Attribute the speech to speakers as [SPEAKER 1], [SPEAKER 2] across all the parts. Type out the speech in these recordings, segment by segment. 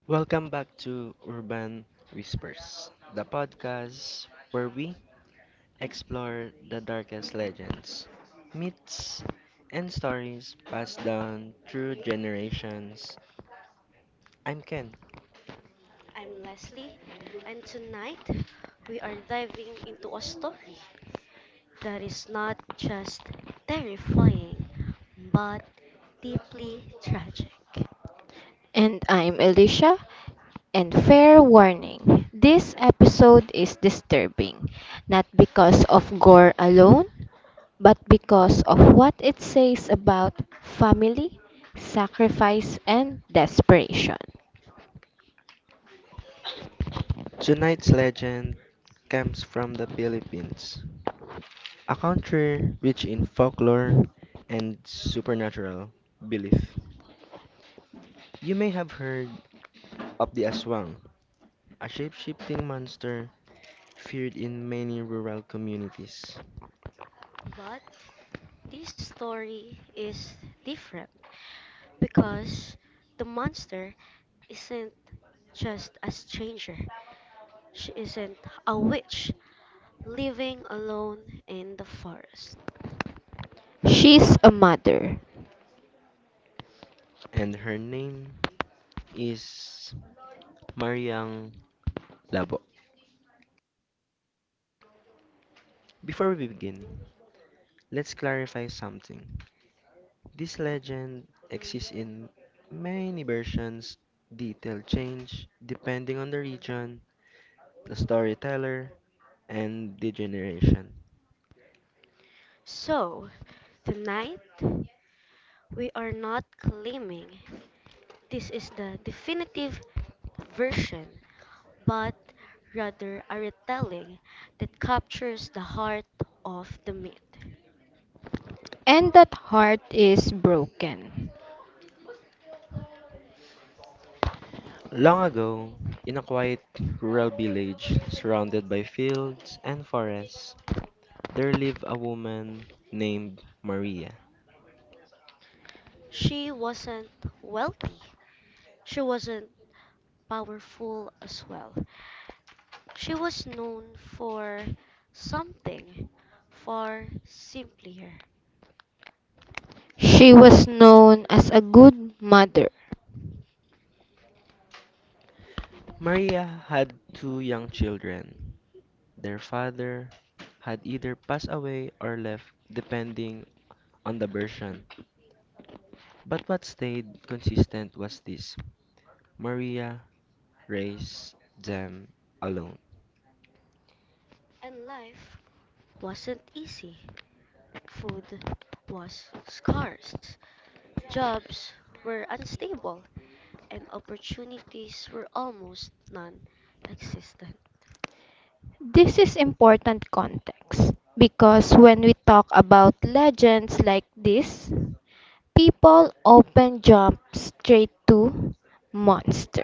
[SPEAKER 1] Welcome back to Urban Whispers, the podcast where we explore the darkest legends, myths, and stories passed down through generations. I'm Ken.
[SPEAKER 2] I'm Leslie, and tonight we are diving into a story that is not just terrifying but deeply tragic.
[SPEAKER 3] And I'm Alicia. And fair warning, this episode is disturbing, not because of gore alone, but because of what it says about family, sacrifice, and desperation.
[SPEAKER 1] Tonight's legend comes from the Philippines, a country rich in folklore and supernatural belief. You may have heard of the Aswang, a shape-shifting monster feared in many rural communities.
[SPEAKER 2] But this story is different because the monster isn't just a stranger, she isn't a witch living alone in the forest.
[SPEAKER 3] She's a mother,
[SPEAKER 1] And her name is Mariang Labo. Before we begin, let's clarify something. This legend exists in many versions, detail change depending on the region, the storyteller, and the generation.
[SPEAKER 2] So, tonight we are not claiming this is the definitive version, but rather a retelling that captures the heart of the myth.
[SPEAKER 3] and that heart is broken.
[SPEAKER 1] Long ago, in a quiet rural village surrounded by fields and forests, there lived a woman named Maria.
[SPEAKER 2] She wasn't wealthy. She wasn't powerful as well. She was known for something far simpler.
[SPEAKER 3] She was known as a good mother.
[SPEAKER 1] Maria had two young children. Their father had either passed away or left, depending on the version. But what stayed consistent was this: Maria raised them alone.
[SPEAKER 2] And life wasn't easy. Food was scarce. Jobs were unstable, and opportunities were almost non existent.
[SPEAKER 3] This is important context because when we talk about legends like this, people often jump straight to monster.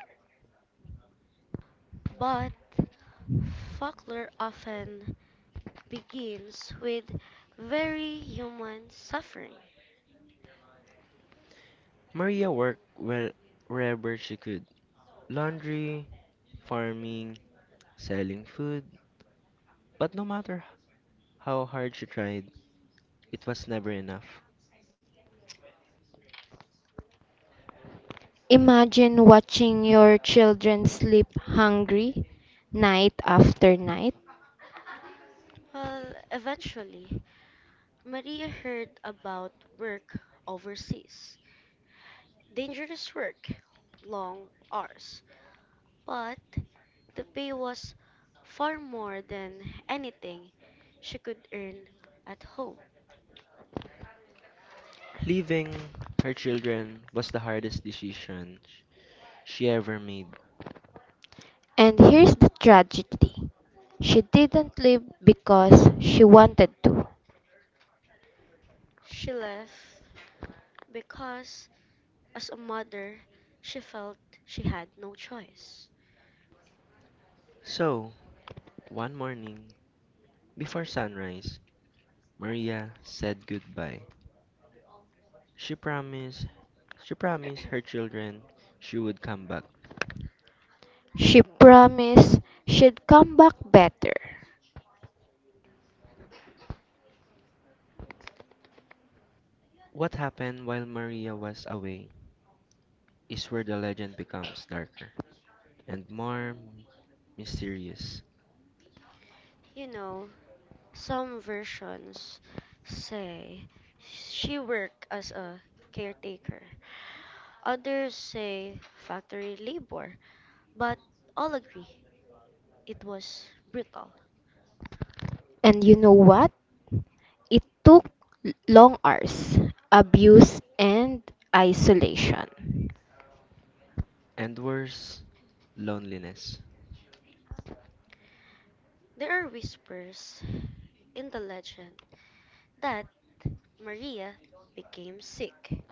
[SPEAKER 2] But folklore often begins with very human suffering.
[SPEAKER 1] Maria worked where, wherever she could: laundry, farming, selling food. But no matter how hard she tried, it was never enough.
[SPEAKER 3] Imagine watching your children sleep hungry night after night.
[SPEAKER 2] Well, eventually, Maria heard about work overseas. Dangerous work, long hours, but the pay was far more than anything she could earn at home.
[SPEAKER 1] Leaving her children was the hardest decision she ever made.
[SPEAKER 3] And here's the tragedy. She didn't leave because she wanted to.
[SPEAKER 2] She left because as a mother, she felt she had no choice.
[SPEAKER 1] So, one morning, before sunrise, Maria said goodbye. She promised she promised her children she would come back.
[SPEAKER 3] She promised she'd come back better.
[SPEAKER 1] What happened while Maria was away is where the legend becomes darker and more mysterious,
[SPEAKER 2] You know, some versions say she worked as a caretaker. Others say factory labor, but all agree it was brutal.
[SPEAKER 3] And you know what? It took long hours, abuse, and isolation.
[SPEAKER 1] and worse, loneliness.
[SPEAKER 2] There are whispers in the legend that Maria became sick.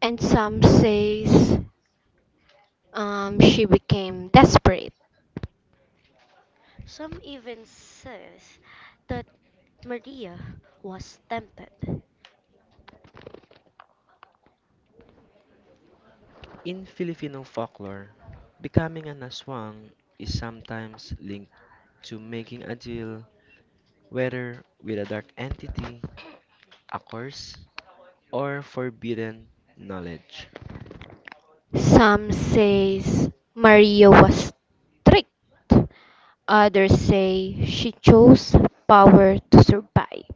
[SPEAKER 3] And some says she became desperate.
[SPEAKER 2] Some even says that Maria was tempted.
[SPEAKER 1] In Filipino folklore, becoming an aswang is sometimes linked to making a deal, whether with a dark entity, a curse, or forbidden knowledge.
[SPEAKER 3] Some says Maria was tricked. Others say she chose power to survive.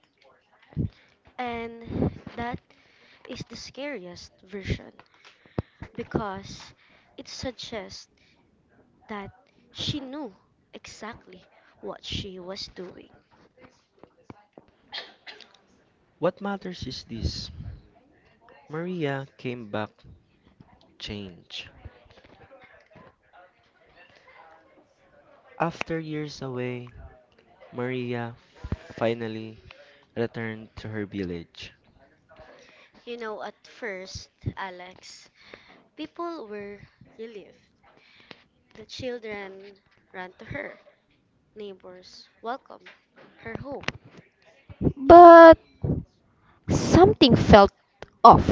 [SPEAKER 2] And that is the scariest version because it suggests that she knew exactly what she was doing.
[SPEAKER 1] What matters is this: Maria came back changed. After years away, Maria finally returned to her village.
[SPEAKER 2] You know, at first, Alex, people were relieved. The children ran to her. Neighbors welcomed her home.
[SPEAKER 3] But something felt off.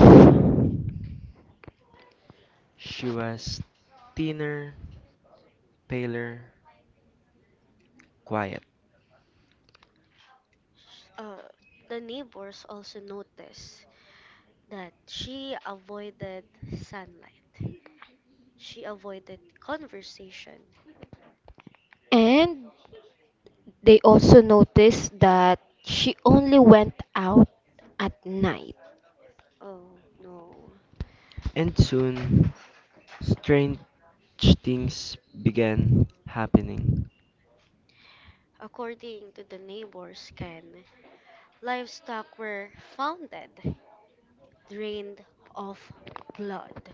[SPEAKER 1] She was thinner, paler, quiet,
[SPEAKER 2] Uh, the neighbors also noticed that she avoided sunlight. She avoided conversation.
[SPEAKER 3] And they also noticed that she only went out at night.
[SPEAKER 2] Oh no.
[SPEAKER 1] and soon strange things began happening.
[SPEAKER 2] According to the neighbors, Ken, livestock were founded, drained of blood.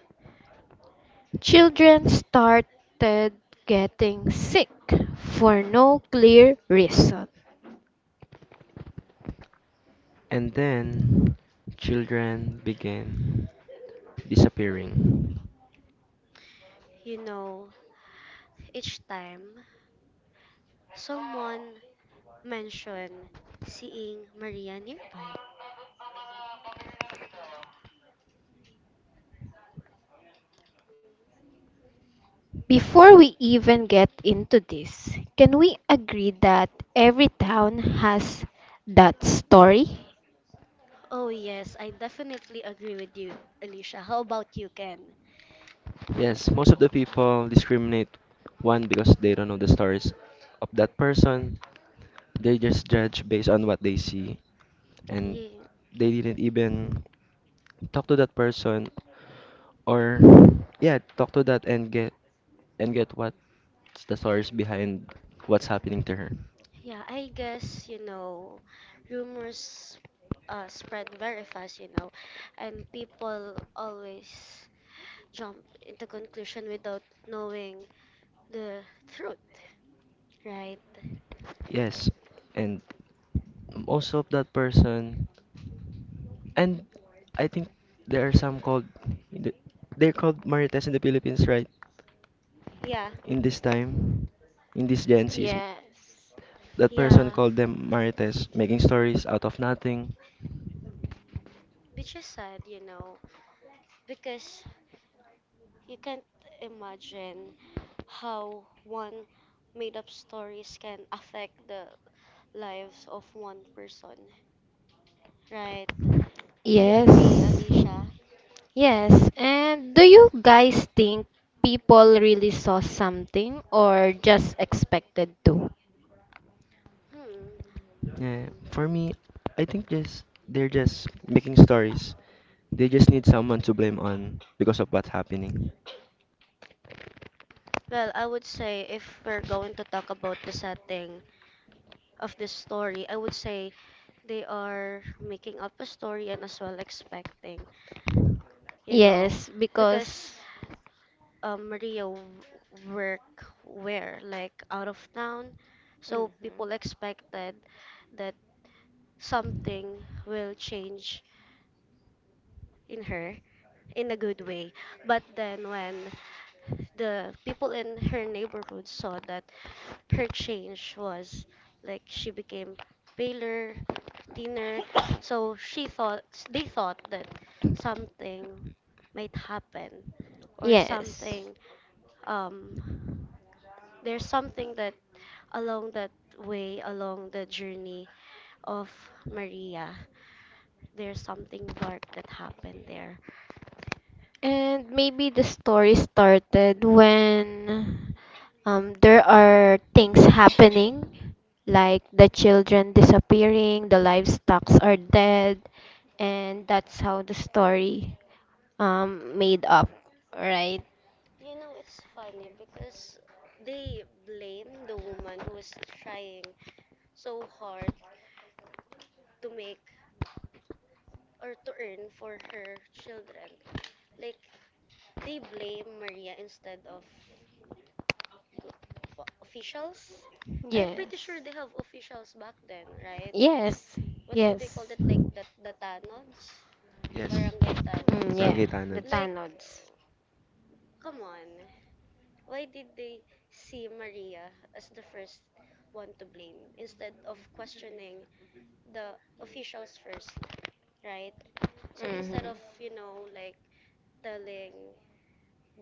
[SPEAKER 3] Children started getting sick for no clear reason.
[SPEAKER 1] And then children began disappearing.
[SPEAKER 2] You know, each time someone mentioned seeing Maria nearby.
[SPEAKER 3] Before we even get into this, can we agree that every town has that story?
[SPEAKER 2] Oh yes, I definitely agree with you, Alicia. How about you, Ken?
[SPEAKER 1] Yes, most of the people discriminate one because they don't know the stories of that person. They just judge based on what they see, and
[SPEAKER 2] Yeah,
[SPEAKER 1] they didn't even talk to that person or, yeah, talk to that and get what's the stories behind what's happening to her.
[SPEAKER 2] yeah, rumors spread very fast, and people always jump into conclusion without knowing the truth, right?
[SPEAKER 1] Yes, and most of that person and I think there are some called th- they're called marites in the Philippines, right?
[SPEAKER 2] Yeah,
[SPEAKER 1] In this time, in this Gen Zs.
[SPEAKER 3] Yes.
[SPEAKER 1] That person
[SPEAKER 2] yeah.
[SPEAKER 1] called them marites, making stories out of nothing.
[SPEAKER 2] Which is sad, because you can't imagine how one made up stories can affect the lives of one person, right? Do you agree,
[SPEAKER 3] Yes.
[SPEAKER 2] Alicia?
[SPEAKER 3] Yes. And do you guys think people really saw something or just expected to?
[SPEAKER 2] Hmm.
[SPEAKER 1] Yeah, for me, I think just they're just making stories. They just need someone to blame on because of what's happening.
[SPEAKER 2] Well, I would say if we're going to talk about the setting of this story, I would say they are making up a story and as well expecting, you know,
[SPEAKER 3] Yes,
[SPEAKER 2] because
[SPEAKER 3] because.
[SPEAKER 2] Maria work where like out of town, so
[SPEAKER 3] Mhm.
[SPEAKER 2] people expected that something will change in her in a good way. But then when the people in her neighborhood saw that her change was like she became paler, thinner. So she thought they thought that something might happen or
[SPEAKER 3] Yes.
[SPEAKER 2] something um there's something that along that way along the journey of Maria there's something dark that happened there.
[SPEAKER 3] And maybe the story started when there are things happening, like the children disappearing, the livestocks are dead, and that's how the story made up, right?
[SPEAKER 2] You know it's funny because they blame the woman who was trying so hard to make or to earn for her children. Like they blame Maria instead of go- officials. I'm pretty
[SPEAKER 3] Yes.
[SPEAKER 2] sure they have officials back then, right?
[SPEAKER 3] Yes,
[SPEAKER 2] What do they call
[SPEAKER 3] yes.
[SPEAKER 2] it? Like the tanods,
[SPEAKER 1] Yes,
[SPEAKER 2] barangay
[SPEAKER 3] Mm,
[SPEAKER 2] tanods.
[SPEAKER 3] yeah, the
[SPEAKER 1] Rangitanads.
[SPEAKER 2] Like,
[SPEAKER 3] Tanods.
[SPEAKER 2] come on. Why did they see Maria as the first one to blame instead of questioning the officials first, right? So instead
[SPEAKER 3] Mm-hmm.
[SPEAKER 2] of, like telling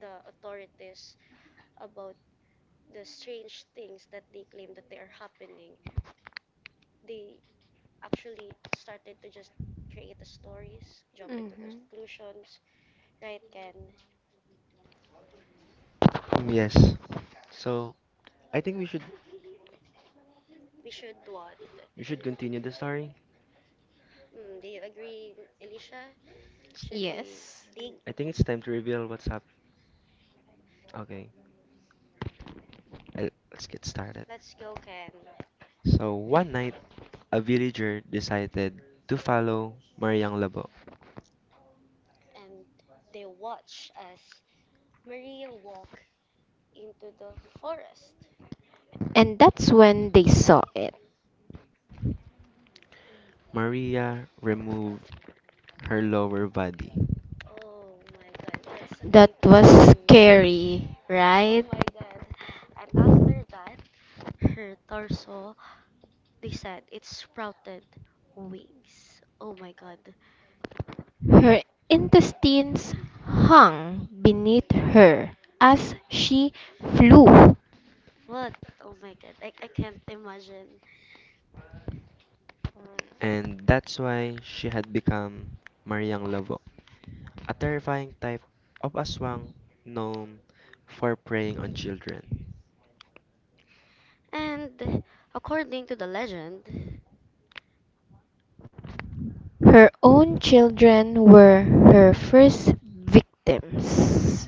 [SPEAKER 2] the authorities about the strange things that they claim that they are happening, they actually started to just create the stories, jump into
[SPEAKER 3] Mm-hmm.
[SPEAKER 2] conclusions, right? Ken,
[SPEAKER 1] Yes. So I think we should
[SPEAKER 2] we should what?
[SPEAKER 1] we should continue the story.
[SPEAKER 2] Mm, do you agree, Alicia? Should we
[SPEAKER 3] Yes.
[SPEAKER 2] dig?
[SPEAKER 1] I think it's time to reveal what's up. Okay, let's get started.
[SPEAKER 2] Let's go, Ken.
[SPEAKER 1] So one night, a villager decided to follow Mariang Labo.
[SPEAKER 2] And they watch as Maria walk into the forest.
[SPEAKER 3] And that's when they saw it.
[SPEAKER 1] Maria removed her lower body.
[SPEAKER 2] Oh my god, that's a
[SPEAKER 3] That was
[SPEAKER 2] creepy.
[SPEAKER 3] scary,
[SPEAKER 2] Oh
[SPEAKER 3] right?
[SPEAKER 2] my god. And after that, her torso. They said it sprouted wings. Oh my god.
[SPEAKER 3] Her intestines hung beneath her as she flew.
[SPEAKER 2] What? Oh my god. I can't imagine.
[SPEAKER 1] And that's why she had become Mariang Lavok, a terrifying type of aswang known for preying on children.
[SPEAKER 2] And according to the legend,
[SPEAKER 3] Her own children were her first victims.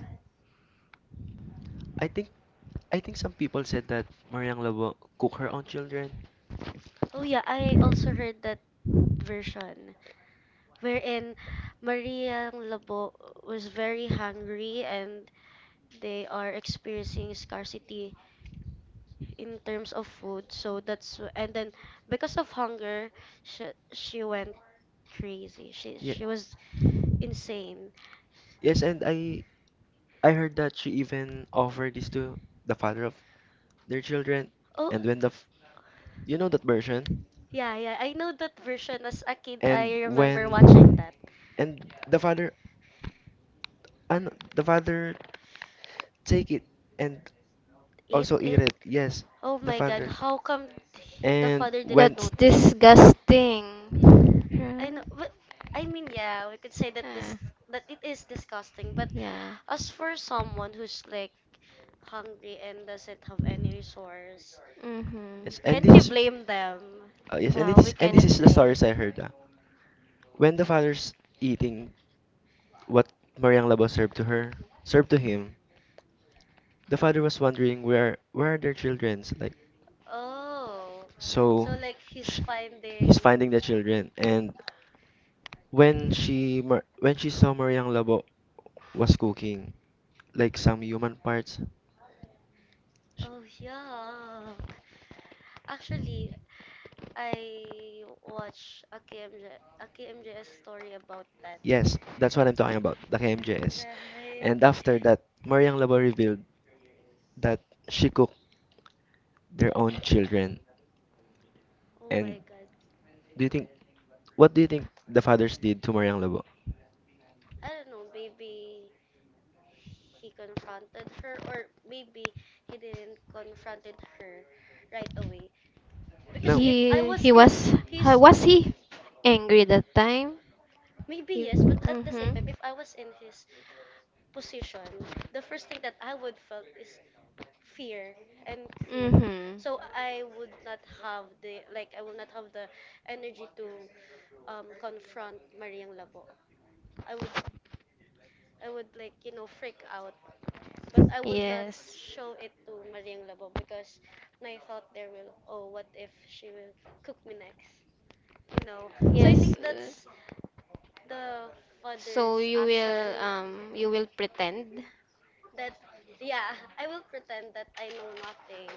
[SPEAKER 1] I think I think some people said that Mariang Lavok cook her own children.
[SPEAKER 2] oh yeah, I also heard that version wherein Maria Labo was very hungry and they are experiencing scarcity in terms of food. So that's wh- and then because of hunger, she, she went crazy. She
[SPEAKER 1] Yeah,
[SPEAKER 2] she was insane.
[SPEAKER 1] yes, and I heard that she even offered this to the father of their children,
[SPEAKER 2] Oh,
[SPEAKER 1] and when you know that version,
[SPEAKER 2] yeah. I know that version. As a kid, I
[SPEAKER 1] and
[SPEAKER 2] remember watching
[SPEAKER 1] when
[SPEAKER 2] that.
[SPEAKER 1] and the father and the father take it and
[SPEAKER 2] Eat
[SPEAKER 1] also eat
[SPEAKER 2] it.
[SPEAKER 1] it. Yes,
[SPEAKER 2] Oh
[SPEAKER 1] the
[SPEAKER 2] my God,
[SPEAKER 1] father.
[SPEAKER 2] how come the
[SPEAKER 1] And
[SPEAKER 2] father didn't
[SPEAKER 1] when
[SPEAKER 3] That's
[SPEAKER 2] notice that?
[SPEAKER 3] disgusting.
[SPEAKER 2] I know,
[SPEAKER 3] Right?
[SPEAKER 2] but I mean, yeah, we could say that this
[SPEAKER 3] Ah,
[SPEAKER 2] that it is disgusting. But
[SPEAKER 3] yeah.
[SPEAKER 2] as for someone who's like hungry and doesn't have any resource,
[SPEAKER 3] Mm-hmm.
[SPEAKER 1] yes, and
[SPEAKER 2] can't you
[SPEAKER 1] this is
[SPEAKER 2] blame them?
[SPEAKER 1] yes, and
[SPEAKER 3] No,
[SPEAKER 1] this
[SPEAKER 3] we
[SPEAKER 1] and this
[SPEAKER 3] cannot
[SPEAKER 1] is the
[SPEAKER 3] blame.
[SPEAKER 1] stories I heard. Ah. When the father's eating what Mariang Labo served to her, served to him, the father was wondering where are their childrens like
[SPEAKER 2] Oh,
[SPEAKER 1] so
[SPEAKER 2] so like he's
[SPEAKER 1] sh-
[SPEAKER 2] finding.
[SPEAKER 1] he's finding the children and when she saw Mariang Labo was cooking like some human parts.
[SPEAKER 2] Oh yeah, actually, I watched A K M J S story about that.
[SPEAKER 1] Yes, that's what I'm talking about, the KMJS.
[SPEAKER 2] Right.
[SPEAKER 1] And after that, Mariang Labo revealed that she cooked their own children.
[SPEAKER 2] Oh
[SPEAKER 1] And
[SPEAKER 2] my god.
[SPEAKER 1] do you think what do you think the fathers did to Mariang Labo?
[SPEAKER 2] I don't know, maybe he confronted her or maybe he didn't confronted her right away. Because
[SPEAKER 1] No.
[SPEAKER 2] if I
[SPEAKER 3] He
[SPEAKER 2] was
[SPEAKER 3] he
[SPEAKER 2] in
[SPEAKER 3] was ha-
[SPEAKER 2] his
[SPEAKER 3] was he angry that time?
[SPEAKER 2] maybe
[SPEAKER 3] He,
[SPEAKER 2] yes, but at the same
[SPEAKER 3] mm-hmm.
[SPEAKER 2] time if I was in his position, the first thing that I would felt is fear and creep.
[SPEAKER 3] Mm-hmm.
[SPEAKER 2] So I would not have the energy to confront Mariang Labo. I would I would like you know freak out, but I would not
[SPEAKER 3] Yes.
[SPEAKER 2] show it to Mariang Labo because I thought there will oh what if she will cook me next, you know. So I think
[SPEAKER 3] Yes.
[SPEAKER 2] that's the
[SPEAKER 3] So
[SPEAKER 2] father's action
[SPEAKER 3] you will pretend?
[SPEAKER 2] that yeah I will pretend that I know nothing.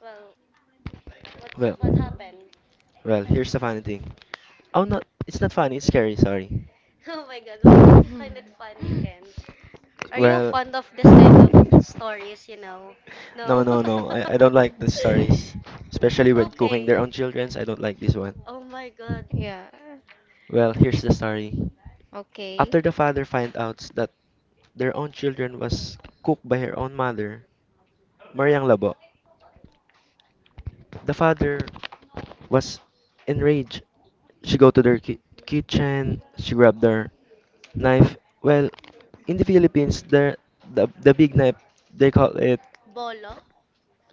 [SPEAKER 2] Well,
[SPEAKER 1] Well,
[SPEAKER 2] what happened?
[SPEAKER 1] well, here's the funny thing. Oh, no, it's not funny, it's scary, sorry.
[SPEAKER 2] Oh my God, why did you find it funny, Ken? Are you
[SPEAKER 1] Well,
[SPEAKER 2] fond of this kind of
[SPEAKER 1] no,
[SPEAKER 2] stories? You know,
[SPEAKER 1] no,
[SPEAKER 2] no.
[SPEAKER 1] no. I don't like the stories, especially when cooking
[SPEAKER 2] Okay.
[SPEAKER 1] their own childrens. I don't like this one.
[SPEAKER 2] Oh my God.
[SPEAKER 3] Yeah.
[SPEAKER 1] Well, here's the story. Okay.
[SPEAKER 3] Okay.
[SPEAKER 1] After the father finds out that their own children was cooked by her own mother, Mariang Labo, the father was enraged. She go to their kitchen, she grabbed their knife. Well, in the Philippines, the big knife they call it
[SPEAKER 2] Bolo?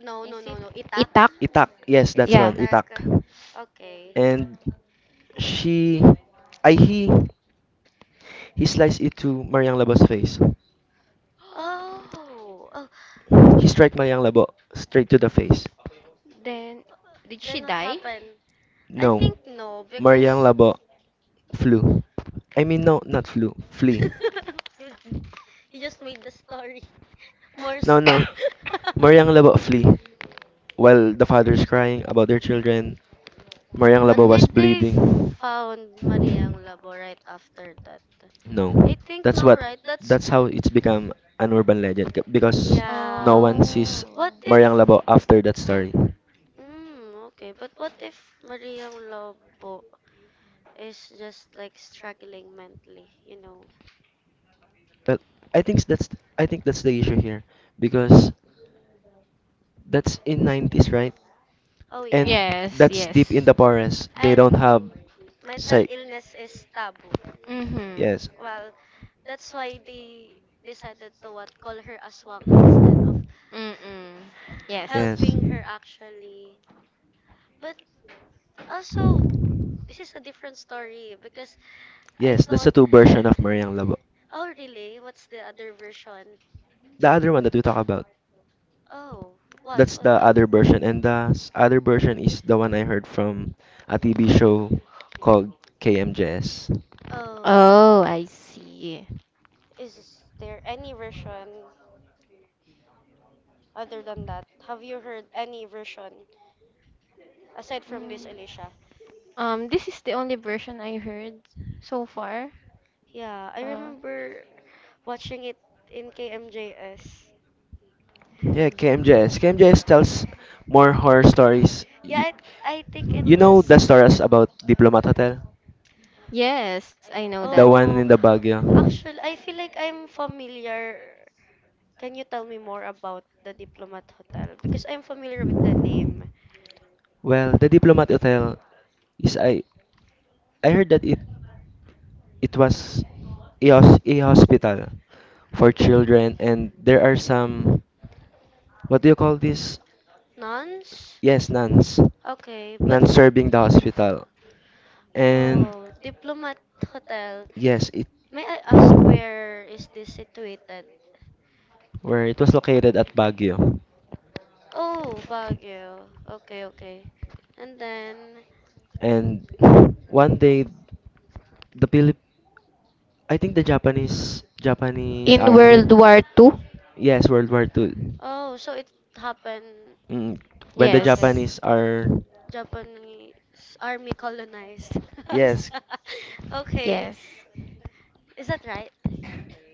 [SPEAKER 2] No,
[SPEAKER 3] Is
[SPEAKER 2] no, no,
[SPEAKER 3] it?
[SPEAKER 2] no. Itak?
[SPEAKER 3] Itak.
[SPEAKER 1] itak. Yes,
[SPEAKER 2] It's
[SPEAKER 1] that's
[SPEAKER 3] Yeah.
[SPEAKER 1] one itak.
[SPEAKER 2] itak. Okay.
[SPEAKER 1] And she, I he, he sliced it to Mariang Labo's face.
[SPEAKER 2] Oh. Oh.
[SPEAKER 1] He strike Mariang Labo straight to the face.
[SPEAKER 3] Then did she
[SPEAKER 2] Then what
[SPEAKER 3] die?
[SPEAKER 2] happened? I
[SPEAKER 1] No,
[SPEAKER 2] think no
[SPEAKER 1] Mariang
[SPEAKER 2] because
[SPEAKER 1] Labo flew. I mean, no, not flew. Flee.
[SPEAKER 2] you, you just made the story more.
[SPEAKER 1] No,
[SPEAKER 2] S-
[SPEAKER 1] no. Mariang Labo flee. While the fathers crying about their children, Mariang
[SPEAKER 2] but
[SPEAKER 1] Labo
[SPEAKER 3] Mm-hmm.
[SPEAKER 1] was
[SPEAKER 2] did they
[SPEAKER 1] bleeding.
[SPEAKER 2] found Mariang Labo right after that? I
[SPEAKER 1] No.
[SPEAKER 2] think
[SPEAKER 1] That's
[SPEAKER 2] no,
[SPEAKER 1] what
[SPEAKER 2] right? That's
[SPEAKER 1] that's how it's become an urban legend because no
[SPEAKER 2] yeah.
[SPEAKER 1] one sees
[SPEAKER 3] Oh.
[SPEAKER 2] What
[SPEAKER 1] Mariang
[SPEAKER 2] if
[SPEAKER 1] Labo after that story.
[SPEAKER 2] mm, okay, but what if Maria Lobo is just like struggling mentally, you know?
[SPEAKER 1] Well, I think that's I think that's the issue here because that's in 90s, right?
[SPEAKER 2] Oh
[SPEAKER 1] And
[SPEAKER 2] yeah.
[SPEAKER 3] Yes,
[SPEAKER 1] that's deep in
[SPEAKER 3] yes.
[SPEAKER 1] the forest. They
[SPEAKER 2] And
[SPEAKER 1] don't have
[SPEAKER 2] mental
[SPEAKER 1] sight.
[SPEAKER 2] illness is taboo.
[SPEAKER 3] Mm-hmm.
[SPEAKER 1] Yes,
[SPEAKER 2] Well, that's why they decided to what call her aswang
[SPEAKER 3] Mm-mm. Yes.
[SPEAKER 1] yes,
[SPEAKER 2] helping her actually. But also, this is a different story because I
[SPEAKER 1] yes. That's
[SPEAKER 2] thought,
[SPEAKER 1] the two version of Mariang Labo.
[SPEAKER 2] oh really? What's the other version?
[SPEAKER 1] The other one that we talk about.
[SPEAKER 2] Oh, what?
[SPEAKER 1] That's the other version, and the other version is the one I heard from a TV show called KMJS.
[SPEAKER 2] Oh,
[SPEAKER 3] Oh, I see.
[SPEAKER 2] is there any version? Other than that, have you heard any version aside from this,
[SPEAKER 3] Mm.
[SPEAKER 2] Alicia?
[SPEAKER 3] This is the only version I heard so far.
[SPEAKER 2] Yeah, I
[SPEAKER 3] Uh,
[SPEAKER 2] remember watching it in KMJS.
[SPEAKER 1] Yeah,
[SPEAKER 3] mm.
[SPEAKER 1] KMJS. KMJS tells more horror stories. You,
[SPEAKER 2] Yeah, I think it
[SPEAKER 1] you know the
[SPEAKER 2] was.
[SPEAKER 1] stories about Diplomat Hotel,
[SPEAKER 3] Yes, I know that.
[SPEAKER 1] the one
[SPEAKER 2] Oh,
[SPEAKER 1] in the Baguio.
[SPEAKER 2] actually, I feel like I'm familiar. Can you tell me more about the Diplomat Hotel? Because I'm familiar with the name.
[SPEAKER 1] Well, the Diplomat Hotel is I heard that it was a, a hospital for children and there are some what do you call this?
[SPEAKER 2] Nuns?
[SPEAKER 1] Yes, nuns.
[SPEAKER 2] Okay, but.
[SPEAKER 1] Nuns serving the hospital. And
[SPEAKER 2] Oh, Diplomat Hotel.
[SPEAKER 1] yes, it
[SPEAKER 2] May I ask where is this situated?
[SPEAKER 1] where it was located at Baguio.
[SPEAKER 2] Oh, Baguio. Okay, okay. And then,
[SPEAKER 1] And one day the Philip I think the Japanese
[SPEAKER 3] In
[SPEAKER 1] army.
[SPEAKER 3] World War Two.
[SPEAKER 1] Yes, World War II.
[SPEAKER 2] oh, so it happened.
[SPEAKER 1] Mm, when the
[SPEAKER 2] Okay,
[SPEAKER 3] Yes,
[SPEAKER 1] Japanese are
[SPEAKER 2] Japanese army colonized us.
[SPEAKER 1] yes,
[SPEAKER 2] Okay,
[SPEAKER 3] yes,
[SPEAKER 2] is that right?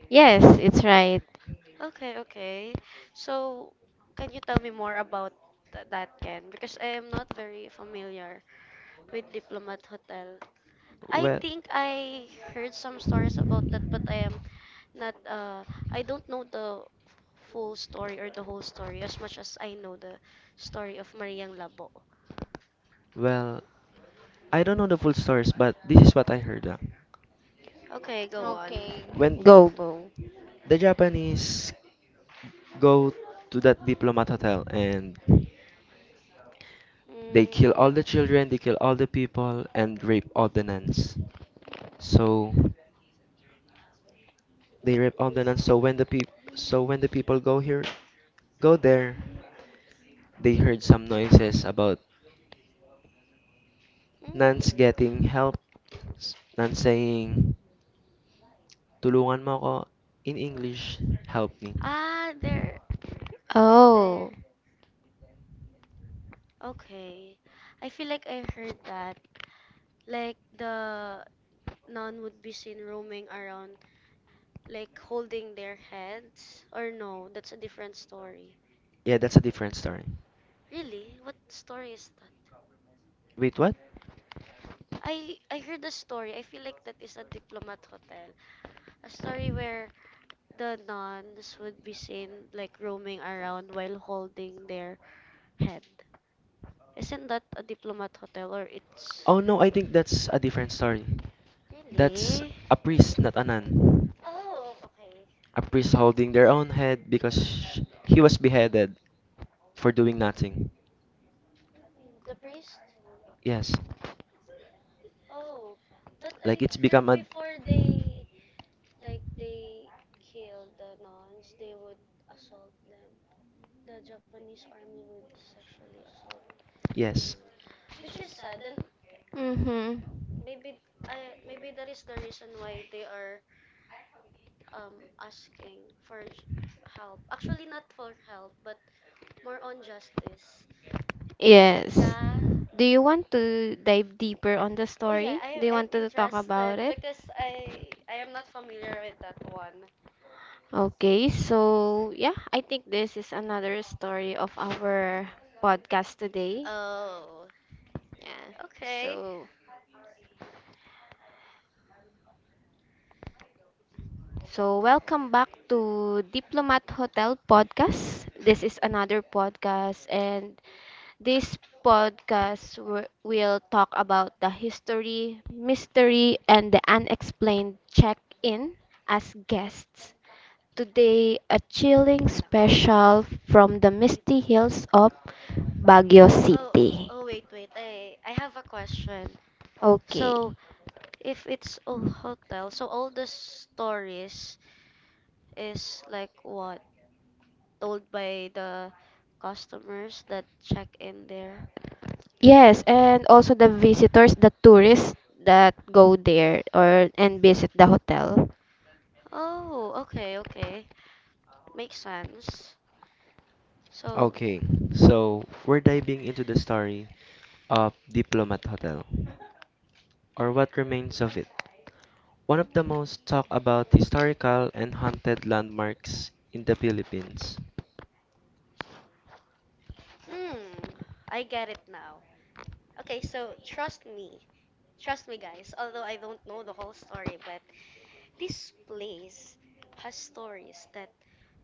[SPEAKER 3] yes. It's right.
[SPEAKER 2] Okay, okay. So, can you tell me more about that, Ken? Because I am not very familiar with Diplomat Hotel. I
[SPEAKER 1] well,
[SPEAKER 2] think I heard some stories about that, but I am not I don't know the full story or the whole story as much as I know the story of Mariang Labo.
[SPEAKER 1] well, I don't know the full stories, but this is what I heard.
[SPEAKER 2] Okay, go on.
[SPEAKER 3] Okay.
[SPEAKER 1] When
[SPEAKER 3] Go, go.
[SPEAKER 1] the Japanese go to that diplomat hotel and they kill all
[SPEAKER 2] Mm.
[SPEAKER 1] the children, they kill all the people, and rape all the nuns. So they rape all the nuns. So when the people go here, go there, they heard some noises about
[SPEAKER 2] Hmm.
[SPEAKER 1] nuns getting help, nuns saying, "Tulungan mo ako," in English, "Help me."
[SPEAKER 2] Ah, there,
[SPEAKER 3] Oh.
[SPEAKER 2] there. Okay. I feel like I heard that. Like the nun would be seen roaming around, like holding their heads. Or no, that's a different story.
[SPEAKER 1] Yeah, that's a different story.
[SPEAKER 2] Really? What story is that?
[SPEAKER 1] Wait, what?
[SPEAKER 2] I heard a story. I feel like that is a diplomat hotel. A story where the nuns would be seen like roaming around while holding their head. Isn't that a diplomat hotel or it's
[SPEAKER 1] Oh no, I think that's a different story. That's
[SPEAKER 2] really?
[SPEAKER 1] a priest, not a nun.
[SPEAKER 2] Oh, okay.
[SPEAKER 1] A priest holding their own head because he was beheaded for doing nothing.
[SPEAKER 2] The priest?
[SPEAKER 1] Yes,
[SPEAKER 2] Oh, but
[SPEAKER 1] like
[SPEAKER 2] I
[SPEAKER 1] it's become
[SPEAKER 2] heard
[SPEAKER 1] a
[SPEAKER 2] before they like they killed the nuns, they would assault them. The Japanese army would sexually assault
[SPEAKER 1] yes.
[SPEAKER 2] Ganun. Which is sad. Then
[SPEAKER 3] Mm-hmm.
[SPEAKER 2] maybe I maybe that is the reason why they are um asking for help. Actually not for help, but more on justice. Bec-
[SPEAKER 3] Yes.
[SPEAKER 2] yeah.
[SPEAKER 3] Do you want to dive deeper on the
[SPEAKER 2] Oh yeah,
[SPEAKER 3] story?
[SPEAKER 2] I
[SPEAKER 3] Do you
[SPEAKER 2] I'm
[SPEAKER 3] want to talk about
[SPEAKER 2] interested
[SPEAKER 3] it?
[SPEAKER 2] because I am not familiar with that one.
[SPEAKER 3] Okay, so yeah, I think this is another story of our podcast today.
[SPEAKER 2] Oh.
[SPEAKER 3] Yeah.
[SPEAKER 2] Okay.
[SPEAKER 3] So welcome back to Diplomat Hotel podcast. This is another podcast and this podcast will talk about the history, mystery, and the unexplained. Check in as guests. Today, a chilling
[SPEAKER 2] Wait lang.
[SPEAKER 3] special from the
[SPEAKER 2] Wait
[SPEAKER 3] misty
[SPEAKER 2] lang.
[SPEAKER 3] hills of Baguio
[SPEAKER 2] Oh,
[SPEAKER 3] City.
[SPEAKER 2] oh wait. I have a question.
[SPEAKER 3] Okay.
[SPEAKER 2] So, if it's a hotel, so all the stories is like what told by the customers that check in there.
[SPEAKER 3] Yes, and also the visitors, the tourists that go there or and visit the hotel.
[SPEAKER 2] Oh, okay, okay. Makes sense. So,
[SPEAKER 1] Okay, so we're diving into the story of Diplomat Hotel, or what remains of it. One of the most talked about historical and haunted landmarks in the Philippines.
[SPEAKER 2] hmm, I get it now. Okay, so trust me. Trust me, guys. Although I don't know the whole story, but this place has stories that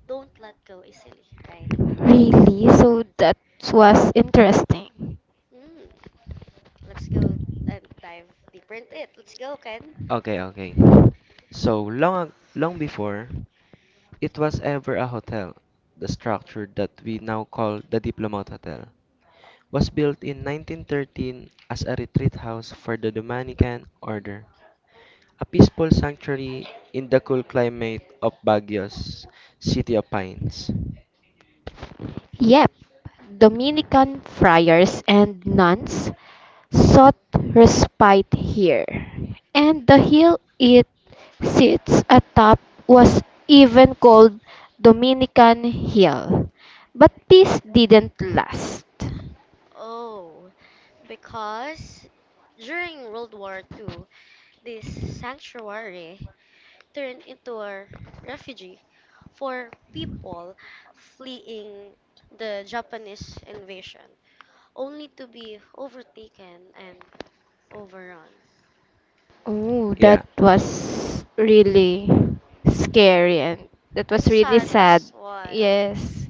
[SPEAKER 2] don't let go easily, right?
[SPEAKER 3] Really? So that was interesting.
[SPEAKER 2] Mm, let's go and dive deeper into it. Let's go, Ken.
[SPEAKER 1] Okay. So long before it was ever a hotel. The structure that we now call the Diplomat Hotel was built in 1913 as a retreat house for the Dominican order, a peaceful sanctuary in the cool climate of Baguio's City of Pines.
[SPEAKER 3] Yep, Dominican friars and nuns sought respite here, and the hill it sits atop was even called Dominican Hill. But peace didn't last.
[SPEAKER 2] Oh, because during World War II, this sanctuary turned into a refugee for people fleeing the Japanese invasion, only to be overtaken and overrun.
[SPEAKER 3] Oh, that
[SPEAKER 1] Yeah,
[SPEAKER 3] was really scary and that was
[SPEAKER 2] And
[SPEAKER 3] really
[SPEAKER 2] sad
[SPEAKER 3] sad.
[SPEAKER 2] as well.
[SPEAKER 3] Yes,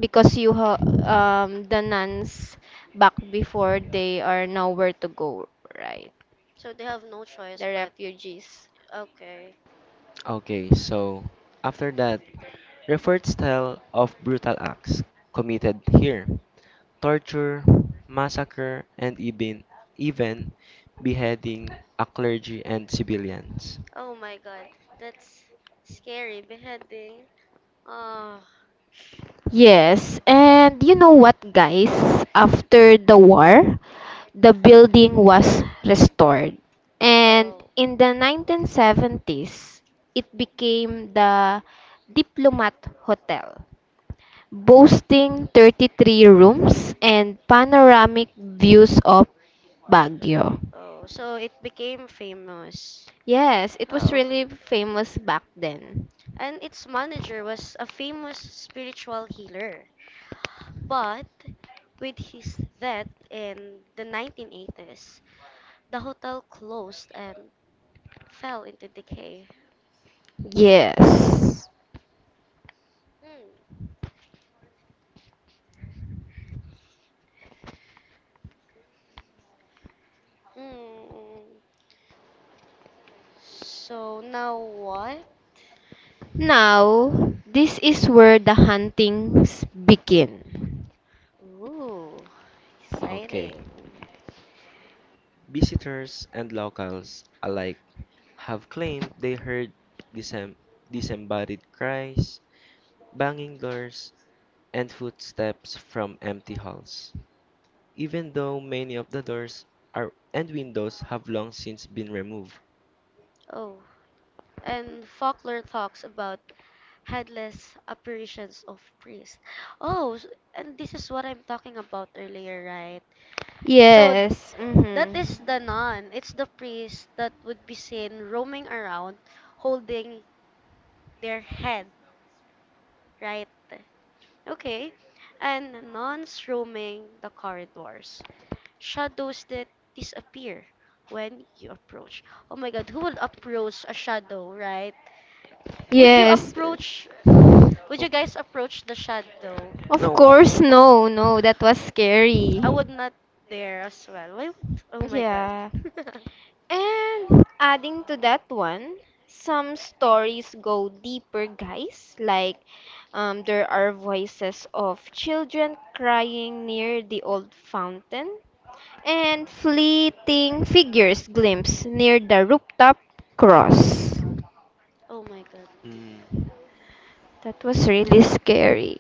[SPEAKER 3] because you ha the nuns back before, they are nowhere to go, right?
[SPEAKER 2] So they have no choice
[SPEAKER 3] The
[SPEAKER 2] but
[SPEAKER 3] refugees.
[SPEAKER 2] okay.
[SPEAKER 1] okay, so after that, records tell of brutal acts committed here: torture, massacre, and even beheading a clergy and civilians.
[SPEAKER 2] Oh my god, that's scary. Beheading. Uh,
[SPEAKER 3] Yes, and you know what, guys? After the war, the building was restored. And
[SPEAKER 2] oh,
[SPEAKER 3] in the 1970s, it became the Diplomat Hotel, boasting 33 rooms and panoramic views of Baguio.
[SPEAKER 2] oh, so it became famous.
[SPEAKER 3] Yes, it was
[SPEAKER 2] Oh,
[SPEAKER 3] really famous back then.
[SPEAKER 2] and its manager was a famous spiritual healer. But with his death in the 1980s, the hotel closed and fell into decay.
[SPEAKER 3] Yes.
[SPEAKER 2] Hmm. Hmm. So now what?
[SPEAKER 3] Now, this is where the huntings begin.
[SPEAKER 2] Ooh,
[SPEAKER 1] Okay.
[SPEAKER 2] exciting.
[SPEAKER 1] Visitors and locals alike have claimed they heard disem- disembodied cries, banging doors, and footsteps from empty halls, even though many of the doors are and windows have long since been removed.
[SPEAKER 2] Oh, and folklore talks about headless apparitions of priests. Oh, s- and this is what I'm talking about earlier, right? So
[SPEAKER 3] Yes.
[SPEAKER 2] that
[SPEAKER 3] Hmm.
[SPEAKER 2] is the nun. It's the priest that would be seen roaming around holding their head, right? Okay. And nuns roaming the corridors. Shadows that disappear when you approach. Oh my god, who would approach a shadow, right? Would you
[SPEAKER 3] Yes.
[SPEAKER 2] approach would you guys approach the shadow?
[SPEAKER 3] Of
[SPEAKER 1] No,
[SPEAKER 3] course, no, no, that was
[SPEAKER 2] I
[SPEAKER 3] scary.
[SPEAKER 2] would not dare as well. Why would oh my god.
[SPEAKER 3] Yeah. And adding to that one, some stories go deeper, guys. Like, there are voices of children crying near the old fountain, and fleeting figures glimpsed near the rooftop cross.
[SPEAKER 2] oh my god.
[SPEAKER 1] mm,
[SPEAKER 3] That was really scary.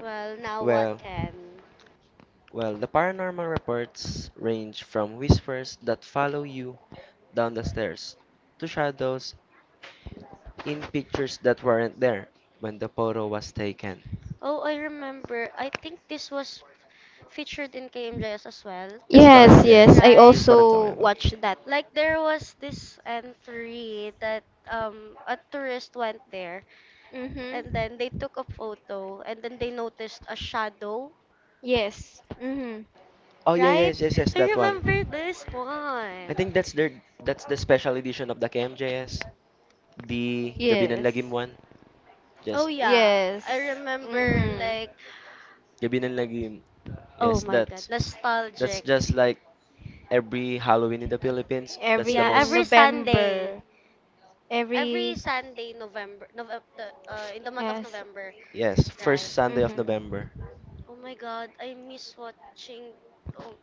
[SPEAKER 2] Well, now what
[SPEAKER 1] well,
[SPEAKER 2] can?
[SPEAKER 1] well, the paranormal reports range from whispers that follow you down the stairs to shadows in pictures that weren't there when the photo was taken.
[SPEAKER 2] Oh I remember I think this was featured in KMJS as well.
[SPEAKER 1] Yes, the
[SPEAKER 3] Yes, yes,
[SPEAKER 1] KNJS.
[SPEAKER 3] I
[SPEAKER 1] This
[SPEAKER 2] Right?
[SPEAKER 1] is what I'm talking
[SPEAKER 3] also
[SPEAKER 1] about.
[SPEAKER 3] watched that.
[SPEAKER 2] Like there was this entry that a tourist went there and
[SPEAKER 3] Mhm.
[SPEAKER 2] then they took a photo and then they noticed a shadow
[SPEAKER 3] Yes. Mhm.
[SPEAKER 1] Oh yeah,
[SPEAKER 2] right?
[SPEAKER 1] yes, yes, yes,
[SPEAKER 2] I
[SPEAKER 1] that one.
[SPEAKER 2] remember this
[SPEAKER 1] I
[SPEAKER 2] one.
[SPEAKER 1] think that's the special edition of the KMJS. The Gabi ng Lagim
[SPEAKER 3] Yes.
[SPEAKER 1] one.
[SPEAKER 2] Oh
[SPEAKER 1] Just
[SPEAKER 2] yeah, I
[SPEAKER 3] Yes.
[SPEAKER 2] remember
[SPEAKER 1] Gabi
[SPEAKER 3] Mhm.
[SPEAKER 2] like
[SPEAKER 1] ng Lagim.
[SPEAKER 2] oh
[SPEAKER 1] Yes,
[SPEAKER 2] my god,
[SPEAKER 1] that's
[SPEAKER 2] nostalgic.
[SPEAKER 1] just like every Halloween in the Philippines. That's
[SPEAKER 3] Every
[SPEAKER 1] the
[SPEAKER 2] Yeah,
[SPEAKER 3] in
[SPEAKER 1] most
[SPEAKER 2] every Sunday,
[SPEAKER 3] November,
[SPEAKER 2] every
[SPEAKER 3] every
[SPEAKER 2] Sunday November, in the month of
[SPEAKER 3] yes.
[SPEAKER 2] November,
[SPEAKER 1] yes,
[SPEAKER 2] right?
[SPEAKER 1] first Sunday of
[SPEAKER 3] Mhm.
[SPEAKER 1] November.
[SPEAKER 2] Oh my god, I miss watching. Oh,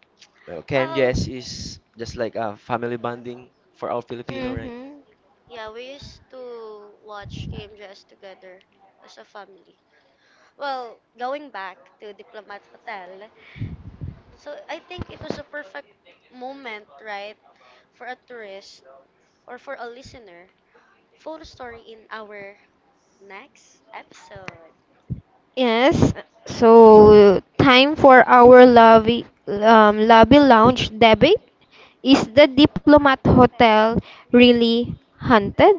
[SPEAKER 1] Well,
[SPEAKER 2] well,
[SPEAKER 1] KMJS is just like a family bonding for all Filipino, right?
[SPEAKER 3] Mhm.
[SPEAKER 2] yeah, we used to watch Game Jazz together as a family. Well, going back to Diplomat Hotel, so I think it was a perfect moment, right, for a tourist or for a listener. Full story in our next episode.
[SPEAKER 3] Yes. So time for our lobby lobby lounge debate. Is the Diplomat Hotel really haunted?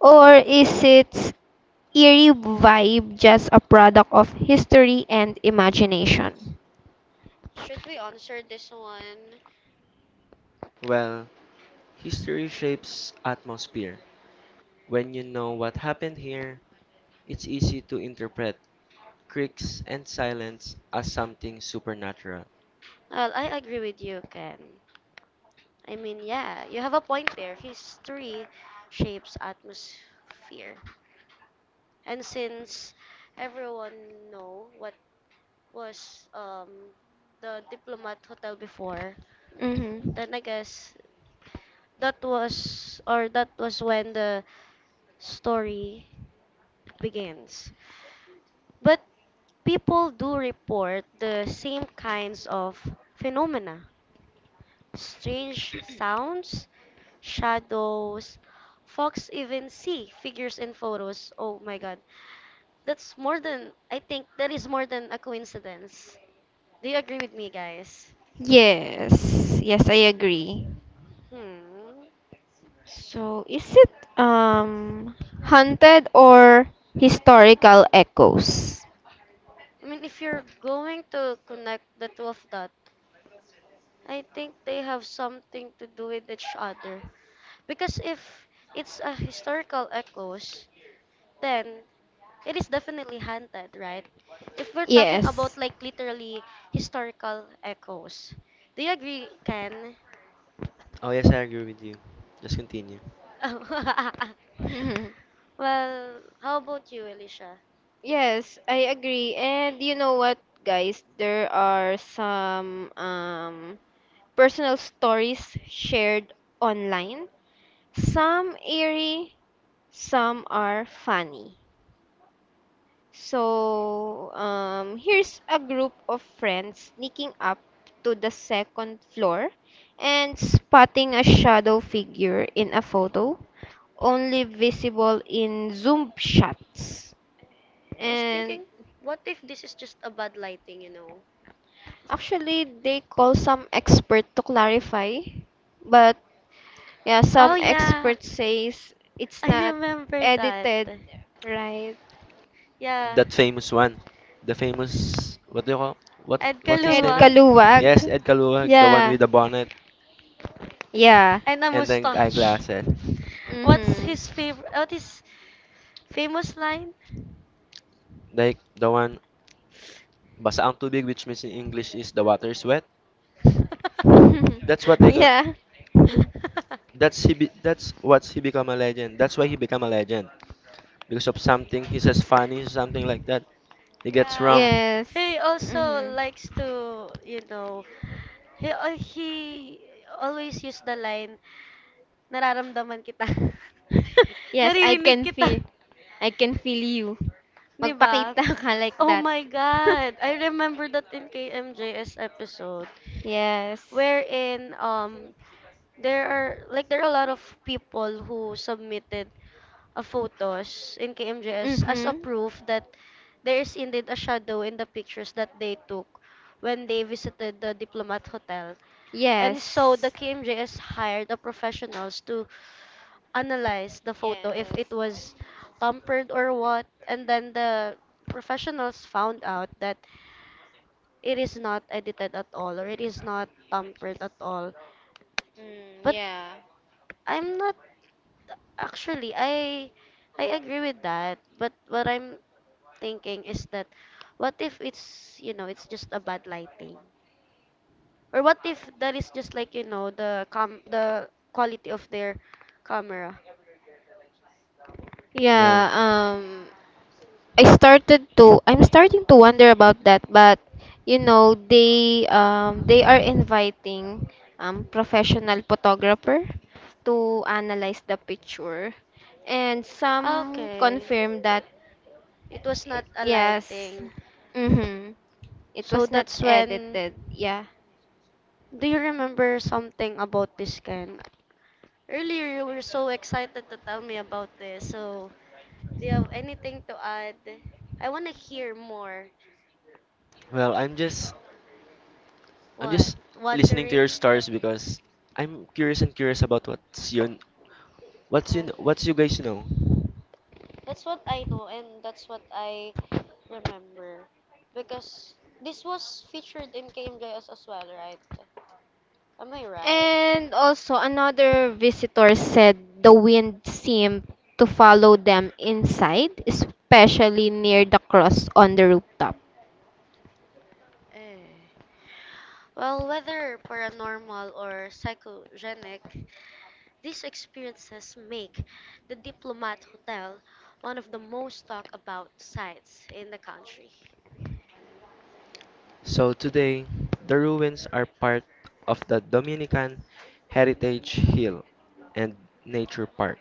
[SPEAKER 3] Or is its eerie vibe just a product of history and imagination?
[SPEAKER 2] Should we answer this one?
[SPEAKER 1] Well, history shapes atmosphere. When you know what happened here, it's easy to interpret creaks and silence as something supernatural.
[SPEAKER 2] Well, I agree with you, Ken. I mean, yeah, you have a point there. History shapes atmosphere. And since everyone know what was the diplomat hotel before,
[SPEAKER 3] Hmm.
[SPEAKER 2] then I guess that was when the story begins. But people do report the same kinds of phenomena strange sounds, shadows. Fox even see figures in photos. Oh my god. That's more than I think that is more than a coincidence. Do you agree with me, guys?
[SPEAKER 3] Yes, yes, I agree.
[SPEAKER 2] Hmm.
[SPEAKER 3] So, is it haunted or historical echoes?
[SPEAKER 2] I mean, if you're going to connect the two of that, I think they have something to do with each other. Because if it's a historical echoes, then it is definitely haunted, right? If we're talking about
[SPEAKER 3] Yes.
[SPEAKER 2] like literally historical echoes, do you agree, Ken?
[SPEAKER 1] Oh yes, I agree with you. Just continue.
[SPEAKER 3] Mhm.
[SPEAKER 2] well, how about you, Alicia?
[SPEAKER 3] Yes, I agree. And you know what, guys? There are some personal stories shared online. Some eerie, some are funny. So, here's a group of friends sneaking up to the second floor and spotting a shadow figure in a photo, only visible in zoom shots.
[SPEAKER 2] I was
[SPEAKER 3] And
[SPEAKER 2] thinking, what if this is just a bad lighting, you know?
[SPEAKER 3] actually, they call some expert to clarify, but yeah,
[SPEAKER 2] Oh
[SPEAKER 3] some
[SPEAKER 2] yeah,
[SPEAKER 3] experts says it's
[SPEAKER 2] I
[SPEAKER 3] not
[SPEAKER 2] remember that.
[SPEAKER 3] edited, right?
[SPEAKER 2] Yeah.
[SPEAKER 1] That famous one. The famous what do you call what
[SPEAKER 2] Ed
[SPEAKER 1] what's his
[SPEAKER 3] Ed
[SPEAKER 1] name?
[SPEAKER 2] Kaluwag.
[SPEAKER 1] Yun?
[SPEAKER 3] Kaluwag.
[SPEAKER 1] Yes, Ed Kaluwag, the one
[SPEAKER 3] Yeah,
[SPEAKER 1] with the bonnet
[SPEAKER 3] yeah.
[SPEAKER 2] And a
[SPEAKER 1] and then
[SPEAKER 2] mustache.
[SPEAKER 1] eyeglasses.
[SPEAKER 2] What's
[SPEAKER 3] Mhm.
[SPEAKER 2] his favorite? What is famous line?
[SPEAKER 1] Like the one basa ang tubig which means in English is the water's wet. That's what they got.
[SPEAKER 3] Yeah.
[SPEAKER 1] That's what he become a legend. That's why he become a legend. Because of something he says funny something like that he gets wrong.
[SPEAKER 2] Yeah,
[SPEAKER 3] Yes.
[SPEAKER 2] he also
[SPEAKER 3] Mhm.
[SPEAKER 2] likes to, you know, he always use the line, nararamdaman kita.
[SPEAKER 3] Yes, I
[SPEAKER 2] Naririnig
[SPEAKER 3] can
[SPEAKER 2] kita,
[SPEAKER 3] feel. I can feel you.
[SPEAKER 2] 'di ba?
[SPEAKER 3] Magpakita ka like
[SPEAKER 2] Oh
[SPEAKER 3] that.
[SPEAKER 2] my God, I remember that in KMJS episode
[SPEAKER 3] Yes.
[SPEAKER 2] wherein there are a lot of people who submitted of photos in KMJS as a
[SPEAKER 3] Mhm.
[SPEAKER 2] proof that there is indeed a shadow in the pictures that they took when they visited the Diplomat Hotel. And so
[SPEAKER 3] Yes.
[SPEAKER 2] the KMJS hired the professionals to analyze the photo if it
[SPEAKER 3] Yes.
[SPEAKER 2] was tampered or what. And then the professionals found out that it is not edited at all or it is not tampered at all.
[SPEAKER 3] Mm,
[SPEAKER 2] But
[SPEAKER 3] yeah.
[SPEAKER 2] I'm not actually I agree with that, but what I'm thinking is that what if it's, you know, it's just a bad lighting? Or what if that is just like, you know, the quality of their camera?
[SPEAKER 3] Yeah,
[SPEAKER 1] well
[SPEAKER 3] I started to I'm starting to wonder about that, but you know they are inviting professional photographer to analyze the picture, and some
[SPEAKER 2] Okay.
[SPEAKER 3] confirm that
[SPEAKER 2] It was not a
[SPEAKER 3] yes,
[SPEAKER 2] lighting.
[SPEAKER 3] mm-hmm, it
[SPEAKER 2] So
[SPEAKER 3] was not
[SPEAKER 2] that's when
[SPEAKER 3] edited. Yeah.
[SPEAKER 2] do you remember something about this Ken? Earlier you were so excited to tell me about this. So do you have anything to add? I want to hear more.
[SPEAKER 1] well i'm just i'm
[SPEAKER 2] What?
[SPEAKER 1] just listening to your
[SPEAKER 2] Wondering?
[SPEAKER 1] stories because I'm curious about
[SPEAKER 3] Uh,
[SPEAKER 1] what's you guys know.
[SPEAKER 2] That's what I know and that's what I remember. Because this was featured in KMJS as well, right? Am I right?
[SPEAKER 3] and also, another visitor said the wind seemed to follow them inside, especially near the cross on the rooftop.
[SPEAKER 2] Eh. Well, whether paranormal or psychogenic, these experiences make the Diplomat Hotel one of the most talked about sites in the country.
[SPEAKER 1] So today the ruins are part of the Dominican Heritage Hill and Nature Park,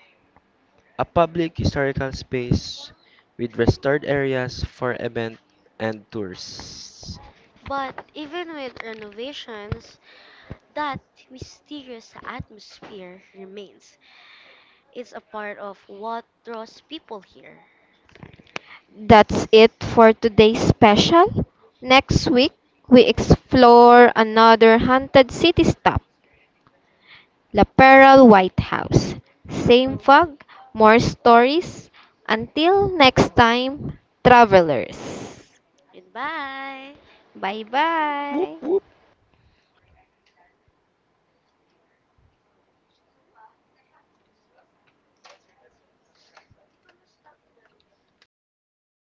[SPEAKER 1] a public historical space with restored areas for event and tours.
[SPEAKER 2] But even with renovations, that mysterious atmosphere remains. It's a part of what draws people here.
[SPEAKER 3] That's it for today's special. Next week, we explore another haunted city stop, La Pearl White House. Same
[SPEAKER 2] Oh,
[SPEAKER 3] fog, more stories. Until next time, travelers.
[SPEAKER 2] goodbye.
[SPEAKER 3] Bye bye.